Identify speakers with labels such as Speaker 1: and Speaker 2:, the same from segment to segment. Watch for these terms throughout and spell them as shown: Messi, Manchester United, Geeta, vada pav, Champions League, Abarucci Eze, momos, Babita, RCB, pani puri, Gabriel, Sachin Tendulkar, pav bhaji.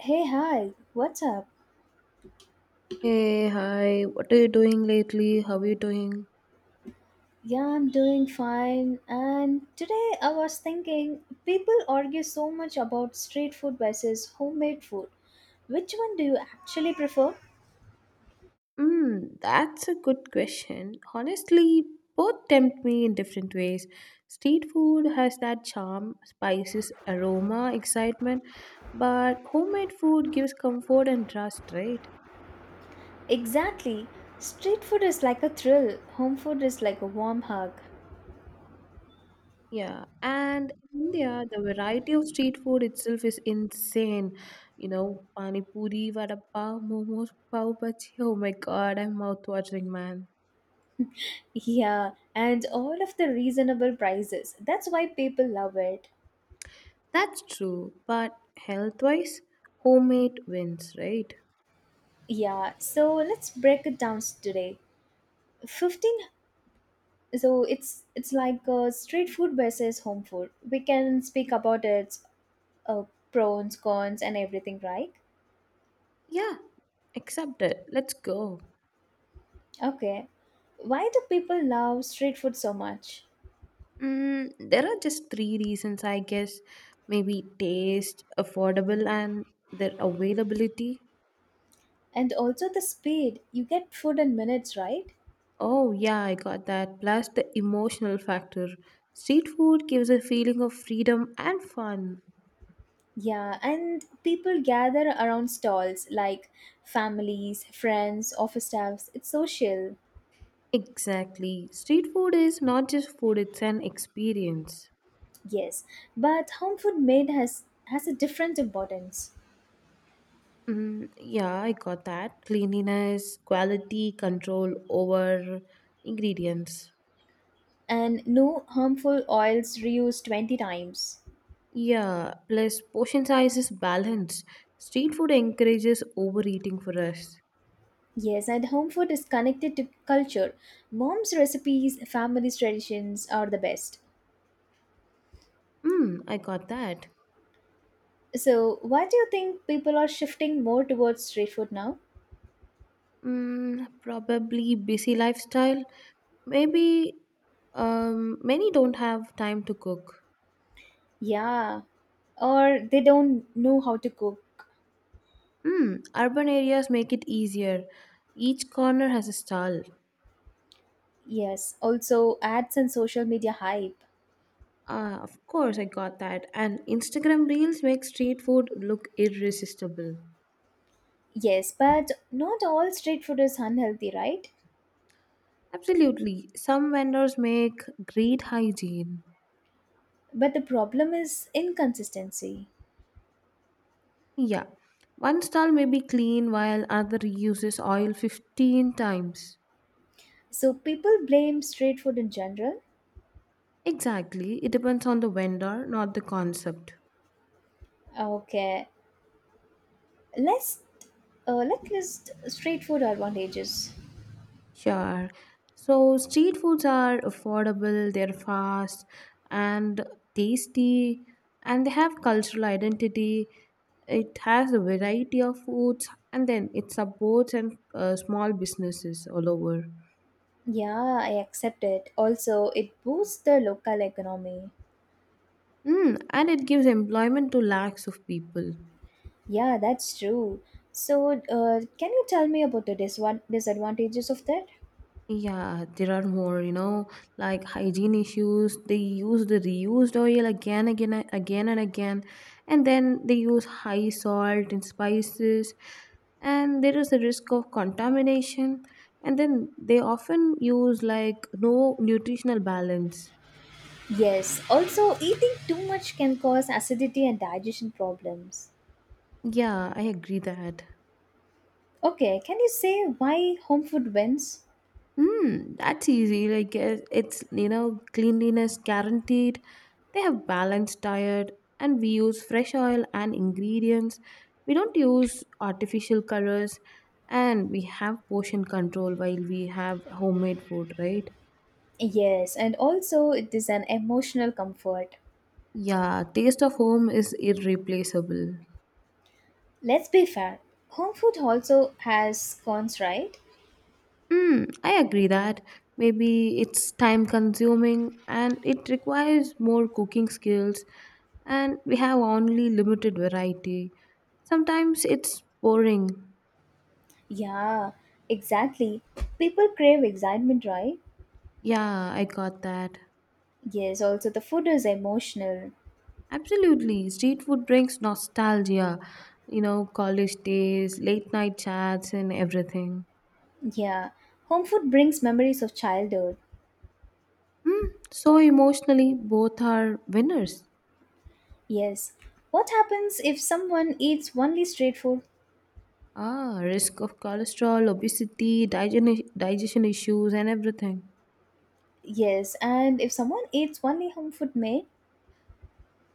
Speaker 1: Hey, hi, what's up?
Speaker 2: Hey, hi, what are you doing lately? How are you doing?
Speaker 1: Yeah, I'm doing fine. And today I was thinking people argue so much about street food versus homemade food. Which one do you actually prefer?
Speaker 2: Hmm, that's a good question. Honestly, both tempt me in different ways. Street food has that charm, spices, aroma, excitement, but homemade food gives comfort and trust, right?
Speaker 1: Exactly. Street food is like a thrill, home food is like a warm hug.
Speaker 2: Yeah, and in India, the variety of street food itself is insane. You know, pani puri, vada pav, momos, pav bhaji. Oh my god, I'm mouth watering, man.
Speaker 1: Yeah, and all of the reasonable prices. That's why people love it.
Speaker 2: That's true, but health wise, homemade wins, right?
Speaker 1: Yeah, so let's break it down today. 15, so it's like street food versus home food. We can speak about its uh, pros, cons and everything, right?
Speaker 2: Yeah, accepted. Let's go.
Speaker 1: Okay, why do people love street food so much?
Speaker 2: Mm, there are just three reasons, I guess. Maybe taste, affordable, and their availability.
Speaker 1: And also the speed, you get food in minutes, right?
Speaker 2: Oh, yeah, I got that. Plus the emotional factor. Street food gives a feeling of freedom and fun.
Speaker 1: Yeah, and people gather around stalls like families, friends, office staffs. It's social.
Speaker 2: Exactly. Street food is not just food, it's an experience.
Speaker 1: Yes, but home food made has a different importance.
Speaker 2: Mm, yeah, I got that. Cleanliness, quality control over ingredients.
Speaker 1: And no harmful oils reused 20 times.
Speaker 2: Yeah, plus portion size is balanced. Street food encourages overeating for us.
Speaker 1: Yes, and home food is connected to culture. Mom's recipes, family's traditions are the best.
Speaker 2: Mm, I got that.
Speaker 1: So, why do you think people are shifting more towards street food now?
Speaker 2: Mm, probably busy lifestyle. Maybe many don't have time to cook.
Speaker 1: Yeah, or they don't know how to cook.
Speaker 2: Mm, urban areas make it easier. Each corner has a stall.
Speaker 1: Yes, also ads and social media hype.
Speaker 2: Of course, I got that. And Instagram Reels make street food look irresistible.
Speaker 1: Yes, but not all street food is unhealthy, right?
Speaker 2: Absolutely. Some vendors make great hygiene.
Speaker 1: But the problem is inconsistency.
Speaker 2: Yeah. One stall may be clean while other uses oil 15 times.
Speaker 1: So, people blame street food in general.
Speaker 2: Exactly. It depends on the vendor, not the concept.
Speaker 1: Okay, let's let's list street food advantages.
Speaker 2: Sure. So street foods are affordable, they're fast and tasty, and they have cultural identity. It has a variety of foods, and then it supports and small businesses all over.
Speaker 1: Yeah, I accept it. Also, it boosts the local economy.
Speaker 2: Mm, and it gives employment to lakhs of people.
Speaker 1: Yeah, that's true. So, can you tell me about the disadvantages of that?
Speaker 2: Yeah, there are more, you know, like hygiene issues. They use the reused oil again, again, again, and again. And then they use high salt and spices. And there is a risk of contamination. And then they often use like no nutritional balance.
Speaker 1: Yes. Also, eating too much can cause acidity and digestion problems.
Speaker 2: Yeah, I agree that.
Speaker 1: Okay, can you say why home food wins?
Speaker 2: Hmm, that's easy. Like it's you know cleanliness guaranteed. They have balanced diet, and we use fresh oil and ingredients. We don't use artificial colors, and we have portion control while we have homemade food, right?
Speaker 1: Yes, and also it is an emotional comfort.
Speaker 2: Yeah, taste of home is irreplaceable.
Speaker 1: Let's be fair. Home food also has cons, right?
Speaker 2: Mm, I agree that maybe it's time consuming and it requires more cooking skills and we have only limited variety. Sometimes it's boring.
Speaker 1: Yeah, exactly. People crave excitement, right?
Speaker 2: Yeah, I got that.
Speaker 1: Yes, also the food is emotional.
Speaker 2: Absolutely. Street food brings nostalgia. You know, college days, late night chats, and everything.
Speaker 1: Yeah, home food brings memories of childhood.
Speaker 2: Hmm. So, emotionally, both are winners.
Speaker 1: Yes. What happens if someone eats only street food?
Speaker 2: Ah, risk of cholesterol, obesity, digestion issues, and everything.
Speaker 1: Yes, and if someone eats only home food made?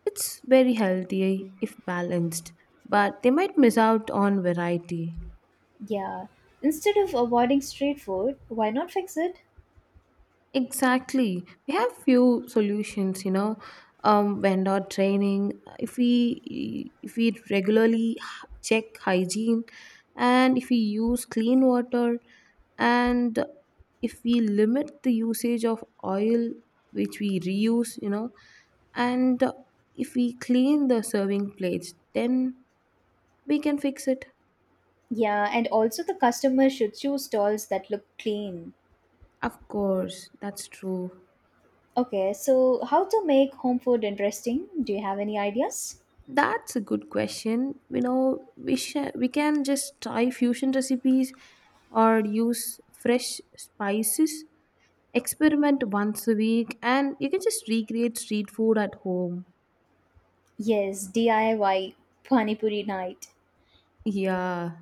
Speaker 2: It's very healthy if balanced, but they might miss out on variety.
Speaker 1: Yeah. Instead of avoiding street food, why not fix it?
Speaker 2: Exactly. We have few solutions, you know, vendor training. If we regularly check hygiene, and if we use clean water, and if we limit the usage of oil which we reuse, you know, and if we clean the serving plates, then we can fix it.
Speaker 1: Yeah, and also the customer should choose stalls that look clean.
Speaker 2: Of course, that's true.
Speaker 1: Okay, so how to make home food interesting? Do you have any ideas?
Speaker 2: That's a good question. You know, we can just try fusion recipes or use fresh spices. Experiment once a week, and you can just recreate street food at home.
Speaker 1: Yes, DIY Pani Puri night.
Speaker 2: Yeah,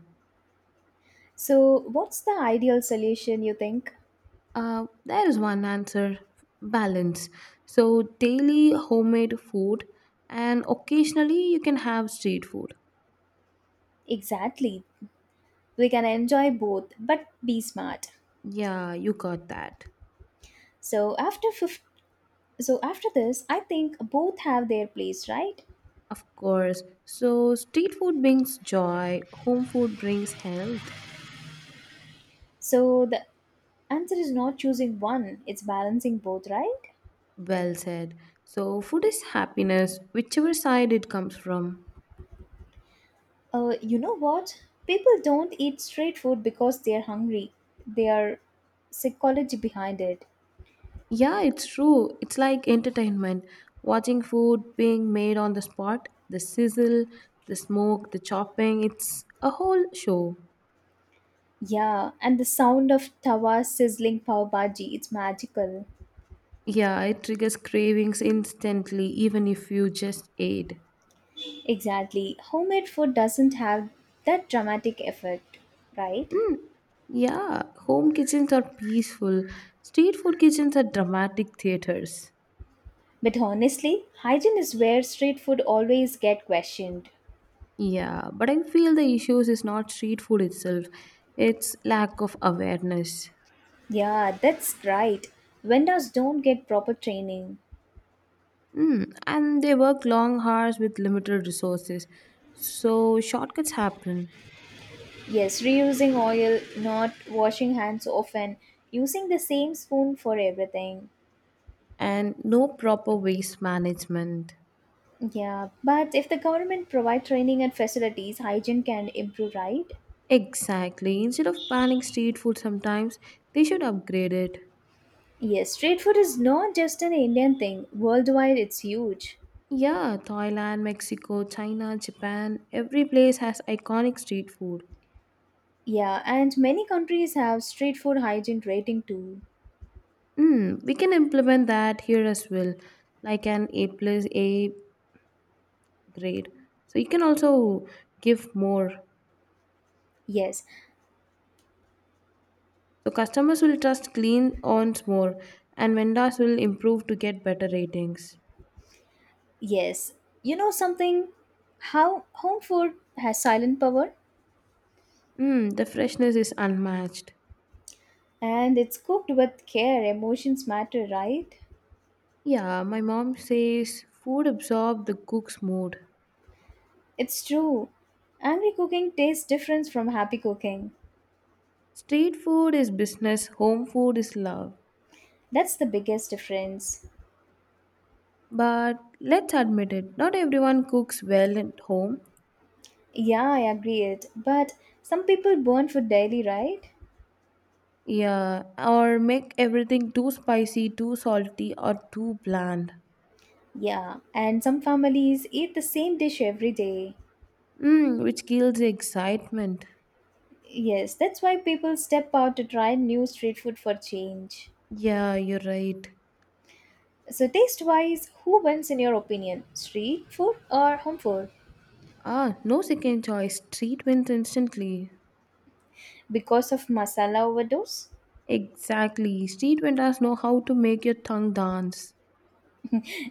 Speaker 1: So, what's the ideal solution you think?
Speaker 2: there is one answer: balance. So daily homemade food, and occasionally you can have street food.
Speaker 1: Exactly. We can enjoy both but be smart.
Speaker 2: Yeah, you got that.
Speaker 1: So, so after this, I think both have their place, right?
Speaker 2: Of course. So street food brings joy. Home food brings health.
Speaker 1: So, the answer is not choosing one, it's balancing both, right?
Speaker 2: Well said. So, food is happiness, whichever side it comes from.
Speaker 1: You know what? People don't eat street food because they're hungry. They are psychology behind it.
Speaker 2: Yeah, it's true. It's like entertainment. Watching food being made on the spot, the sizzle, the smoke, the chopping, it's a whole show.
Speaker 1: Yeah, and the sound of tawa sizzling pav bhaji, it's magical.
Speaker 2: Yeah, it triggers cravings instantly, even if you just ate.
Speaker 1: Exactly. Homemade food doesn't have that dramatic effect, right?
Speaker 2: Mm, yeah, home kitchens are peaceful, street food kitchens are dramatic theaters.
Speaker 1: But honestly, hygiene is where street food always get questioned.
Speaker 2: Yeah, but I feel the issues is not street food itself. It's lack of awareness.
Speaker 1: Yeah, that's right. Vendors don't get proper training.
Speaker 2: Mm, and they work long hours with limited resources. So shortcuts happen
Speaker 1: Yes, reusing oil, not washing hands often, using the same spoon for everything.
Speaker 2: and no proper waste management.
Speaker 1: Yeah, but if the government provide training and facilities, hygiene can improve, right?
Speaker 2: Exactly. Instead of banning street food sometimes, they should upgrade it.
Speaker 1: Yes, street food is not just an Indian thing. Worldwide, it's huge.
Speaker 2: Yeah, Thailand, Mexico, China, Japan, every place has iconic street food.
Speaker 1: Yeah, and many countries have street food hygiene rating too.
Speaker 2: Mm, we can implement that here as well, like an A plus A. Great. So you can also give more.
Speaker 1: Yes,
Speaker 2: So customers will trust Clean Owns more, and vendors will improve to get better ratings.
Speaker 1: yes. You know something? How home food has silent power,
Speaker 2: Mm, the freshness is unmatched.
Speaker 1: and it's cooked with care. Emotions matter, right?
Speaker 2: Yeah, my mom says food absorbs the cook's mood.
Speaker 1: It's true. Angry cooking tastes different from happy cooking.
Speaker 2: Street food is business, home food is love.
Speaker 1: That's the biggest difference.
Speaker 2: But let's admit it, not everyone cooks well at home.
Speaker 1: Yeah, I agree it. But some people burn food daily, right?
Speaker 2: Yeah, or make everything too spicy, too salty, or too bland.
Speaker 1: Yeah, and some families eat the same dish every day.
Speaker 2: Mm, which kills the excitement.
Speaker 1: Yes, that's why people step out to try new street food for change.
Speaker 2: Yeah, you're right.
Speaker 1: So, taste wise, who wins in your opinion? Street food or home food?
Speaker 2: Ah, no second choice. Street wins instantly.
Speaker 1: Because of masala overdose?
Speaker 2: Exactly. Street vendors know how to make your tongue dance.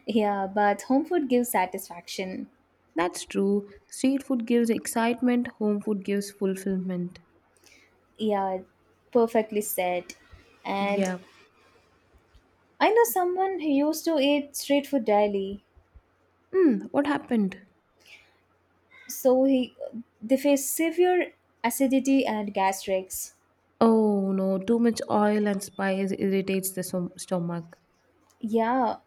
Speaker 1: Yeah, but home food gives satisfaction.
Speaker 2: That's true. Street food gives excitement, home food gives fulfillment.
Speaker 1: Yeah, perfectly said. And
Speaker 2: Yeah.
Speaker 1: I know someone who used to eat street food daily.
Speaker 2: Hmm, what happened?
Speaker 1: So, he, they face severe acidity and gastrics.
Speaker 2: Oh no, too much oil and spice irritates the stomach.
Speaker 1: Yeah.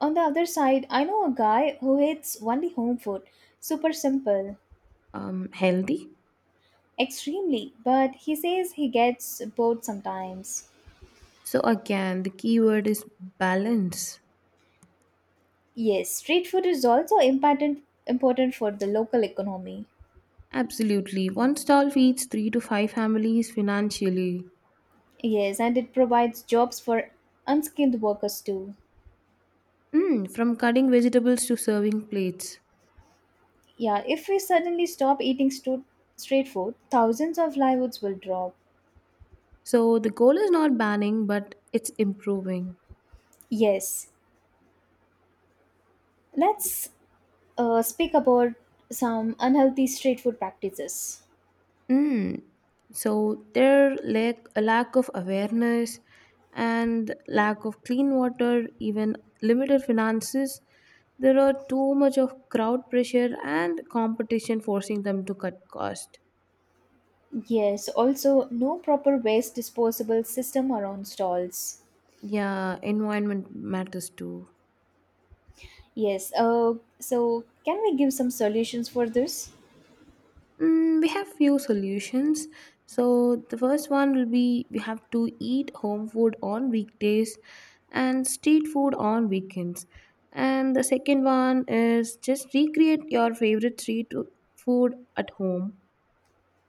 Speaker 1: On the other side, I know a guy who eats only home food. Super simple.
Speaker 2: Healthy?
Speaker 1: Extremely. But he says he gets bored sometimes.
Speaker 2: So again, the key word is balance.
Speaker 1: Yes, street food is also important for the local economy.
Speaker 2: Absolutely. One stall feeds 3 to 5 families financially.
Speaker 1: Yes, and it provides jobs for unskilled workers too.
Speaker 2: Mm, from cutting vegetables to serving plates.
Speaker 1: Yeah, if we suddenly stop eating street food, thousands of livelihoods will drop.
Speaker 2: So the goal is not banning, but it's improving.
Speaker 1: Yes, let's speak about some unhealthy street food practices.
Speaker 2: Mm. So there lack of awareness and lack of clean water, even limited finances. There are too much of crowd pressure and competition forcing them to cut cost.
Speaker 1: Yes, also no proper waste disposable system around stalls.
Speaker 2: Yeah, environment matters too.
Speaker 1: Yes, so can we give some solutions for this?
Speaker 2: Mm, we have few solutions. So the first one will be we have to eat home food on weekdays and street food on weekends. And the second one is just recreate your favorite street food at home.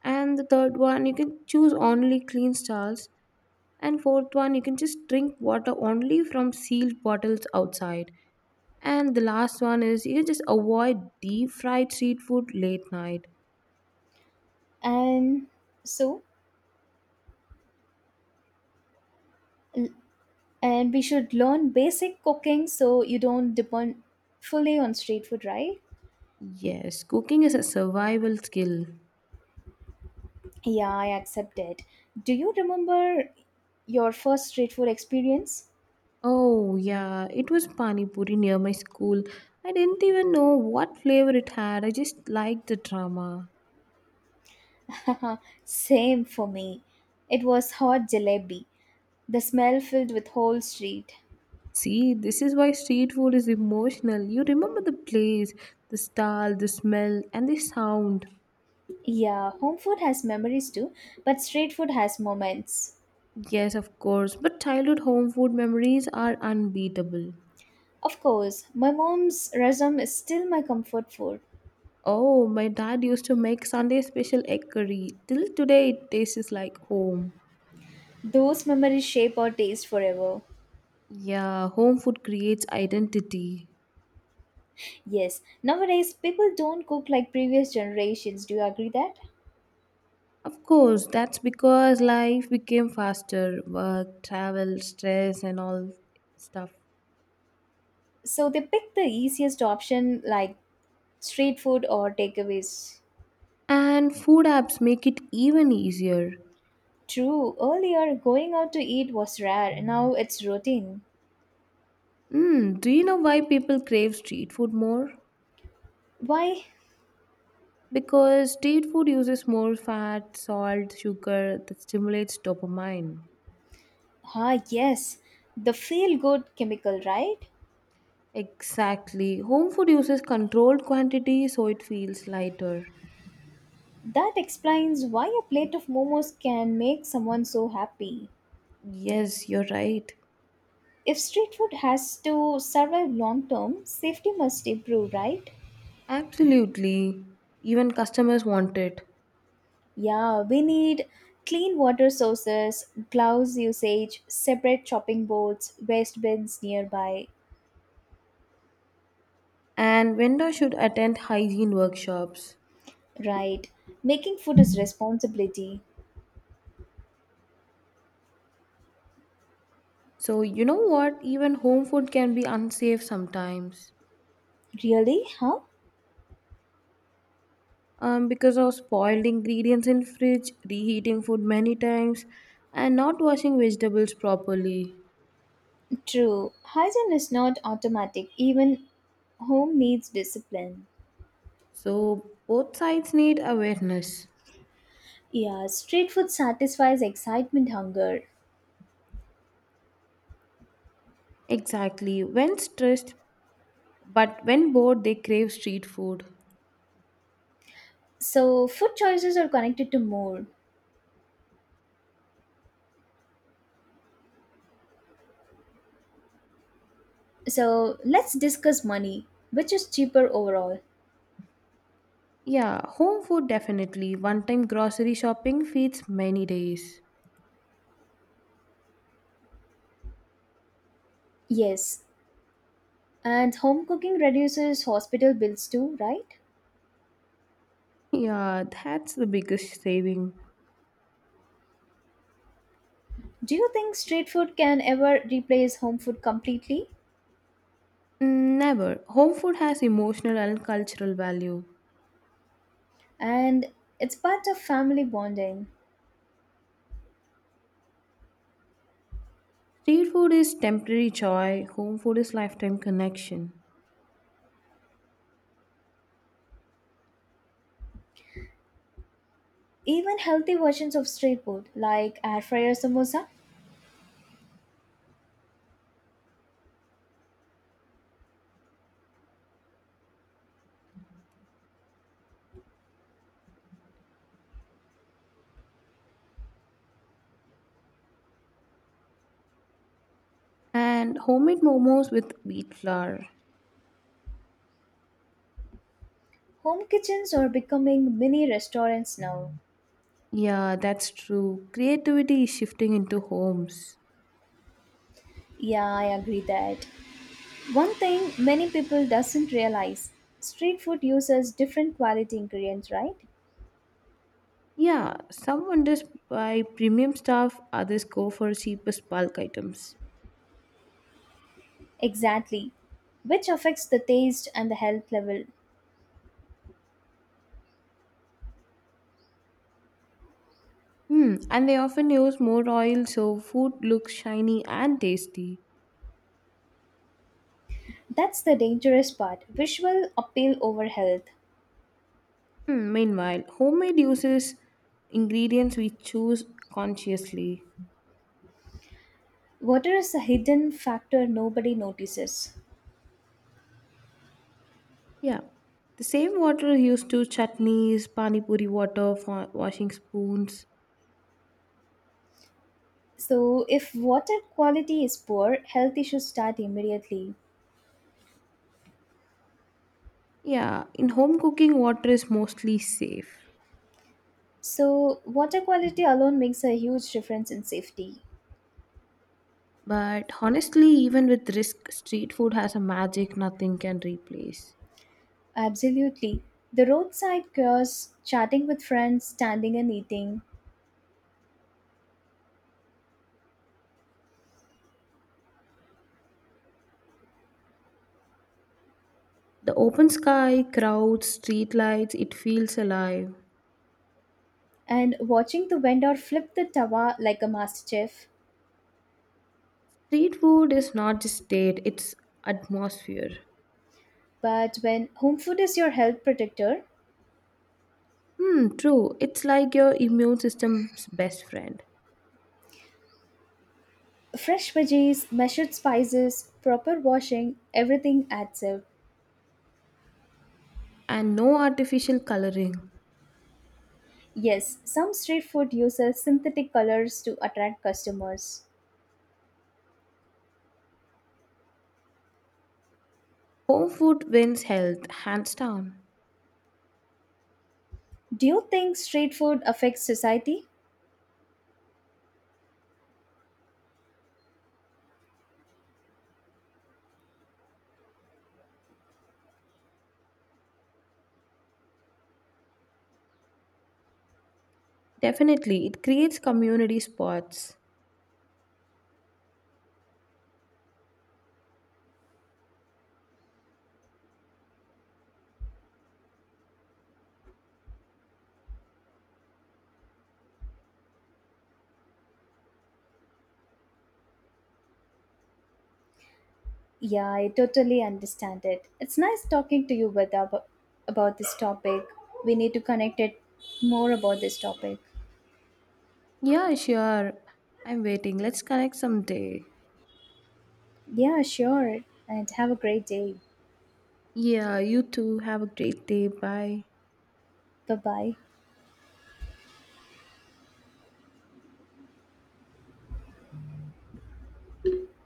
Speaker 2: And the third one you can choose only clean stalls. And fourth one you can just drink water only from sealed bottles outside. And the last one is you just avoid deep fried street food late night.
Speaker 1: And so, l- and we should learn basic cooking so you don't depend fully on street food, right?
Speaker 2: Yes, cooking is a survival skill.
Speaker 1: Yeah, I accept it. Do you remember your first street food experience?
Speaker 2: Oh, yeah, it was pani puri near my school. I didn't even know what flavor it had. I just liked the drama.
Speaker 1: Same for me. It was hot jalebi. The smell filled with whole street.
Speaker 2: See, this is why street food is emotional. You remember the place, the style, the smell, and the sound.
Speaker 1: Yeah, home food has memories too, but street food has moments.
Speaker 2: Yes, of course, but childhood home food memories are unbeatable.
Speaker 1: Of course, my mom's rasam is still my comfort food.
Speaker 2: Oh, my dad used to make Sunday special egg curry. Till today, it tastes like home.
Speaker 1: Those memories shape our taste forever.
Speaker 2: Yeah, home food creates identity.
Speaker 1: Yes, nowadays people don't cook like previous generations. Do you agree that?
Speaker 2: Of course, that's because life became faster work, travel, stress, and all stuff.
Speaker 1: So they pick the easiest option like street food or takeaways.
Speaker 2: And food apps make it even easier.
Speaker 1: True, earlier going out to eat was rare, now it's routine.
Speaker 2: Mm, do you know why people crave street food more?
Speaker 1: Why?
Speaker 2: Because street food uses more fat, salt, sugar that stimulates dopamine.
Speaker 1: Ah, yes, the feel good chemical, right?
Speaker 2: Exactly. Home food uses controlled quantity so it feels lighter.
Speaker 1: That explains why a plate of momos can make someone so happy.
Speaker 2: Yes, you're right.
Speaker 1: If street food has to survive long term, safety must improve, right?
Speaker 2: Absolutely. Even customers want it.
Speaker 1: Yeah, we need clean water sources, gloves usage, separate chopping boards, waste bins nearby.
Speaker 2: And vendors should attend hygiene workshops.
Speaker 1: Right. Making food is responsibility.
Speaker 2: So, you know what? Even home food can be unsafe sometimes
Speaker 1: Really? Huh?
Speaker 2: because of spoiled ingredients in fridge, reheating food many times, and not washing vegetables properly.
Speaker 1: True. Hygiene is not automatic. Even home needs discipline.
Speaker 2: So, both sides need awareness.
Speaker 1: Yeah, street food satisfies excitement hunger.
Speaker 2: Exactly. When stressed, but when bored, they crave street food.
Speaker 1: So, food choices are connected to mood. So, let's discuss money, which is cheaper overall.
Speaker 2: Yeah, home food definitely. One time grocery shopping feeds many days.
Speaker 1: Yes, and home cooking reduces hospital bills too, right?
Speaker 2: Yeah, that's the biggest saving.
Speaker 1: Do you think street food can ever replace home food completely?
Speaker 2: Mm, never. Home food has emotional and cultural value.
Speaker 1: And it's part of family bonding.
Speaker 2: Street food is temporary joy, home food is lifetime connection.
Speaker 1: Even healthy versions of street food, like air fryer samosa,
Speaker 2: And homemade momos with wheat flour.
Speaker 1: home kitchens are becoming mini restaurants now.
Speaker 2: Yeah, that's true. Creativity is shifting into homes.
Speaker 1: Yeah, I agree that. One thing many people doesn't realize, street food uses different quality ingredients, right?
Speaker 2: Yeah, some vendors buy premium stuff, others go for cheapest bulk items.
Speaker 1: Exactly. Which affects the taste and the health level.
Speaker 2: Hmm, and they often use more oil so food looks shiny and tasty.
Speaker 1: That's the dangerous part. Visual appeal over health.
Speaker 2: Hmm, meanwhile, homemade uses ingredients we choose consciously.
Speaker 1: Water is a hidden factor nobody notices.
Speaker 2: Yeah, the same water used to chutneys, pani puri water for washing spoons.
Speaker 1: So if water quality is poor, health issues start immediately.
Speaker 2: Yeah, in home cooking, water is mostly safe.
Speaker 1: So water quality alone makes a huge difference in safety.
Speaker 2: But honestly, even with risk, street food has a magic nothing can replace.
Speaker 1: Absolutely. The roadside cures, chatting with friends, standing and eating,
Speaker 2: The open sky, crowds, street lights, it feels alive.
Speaker 1: and watching the vendor flip the tawa like a master chef.
Speaker 2: Street food is not just state, it's atmosphere.
Speaker 1: But when home food is your health protector,
Speaker 2: Hmm, true. It's like your immune system's best friend.
Speaker 1: fresh veggies, measured spices, proper washing, everything adds up.
Speaker 2: And no artificial coloring.
Speaker 1: Yes, some street food uses synthetic colors to attract customers.
Speaker 2: Home food wins health, hands down.
Speaker 1: Do you think street food affects society?
Speaker 2: Definitely, it creates community spots.
Speaker 1: Yeah, I totally understand it. It's nice talking to you with about this topic. We need to connect it more about this topic.
Speaker 2: Yeah, sure. I'm waiting. Let's connect someday.
Speaker 1: Yeah, sure. And have a great day.
Speaker 2: Yeah, you too. Have a great day. Bye.
Speaker 1: Bye bye.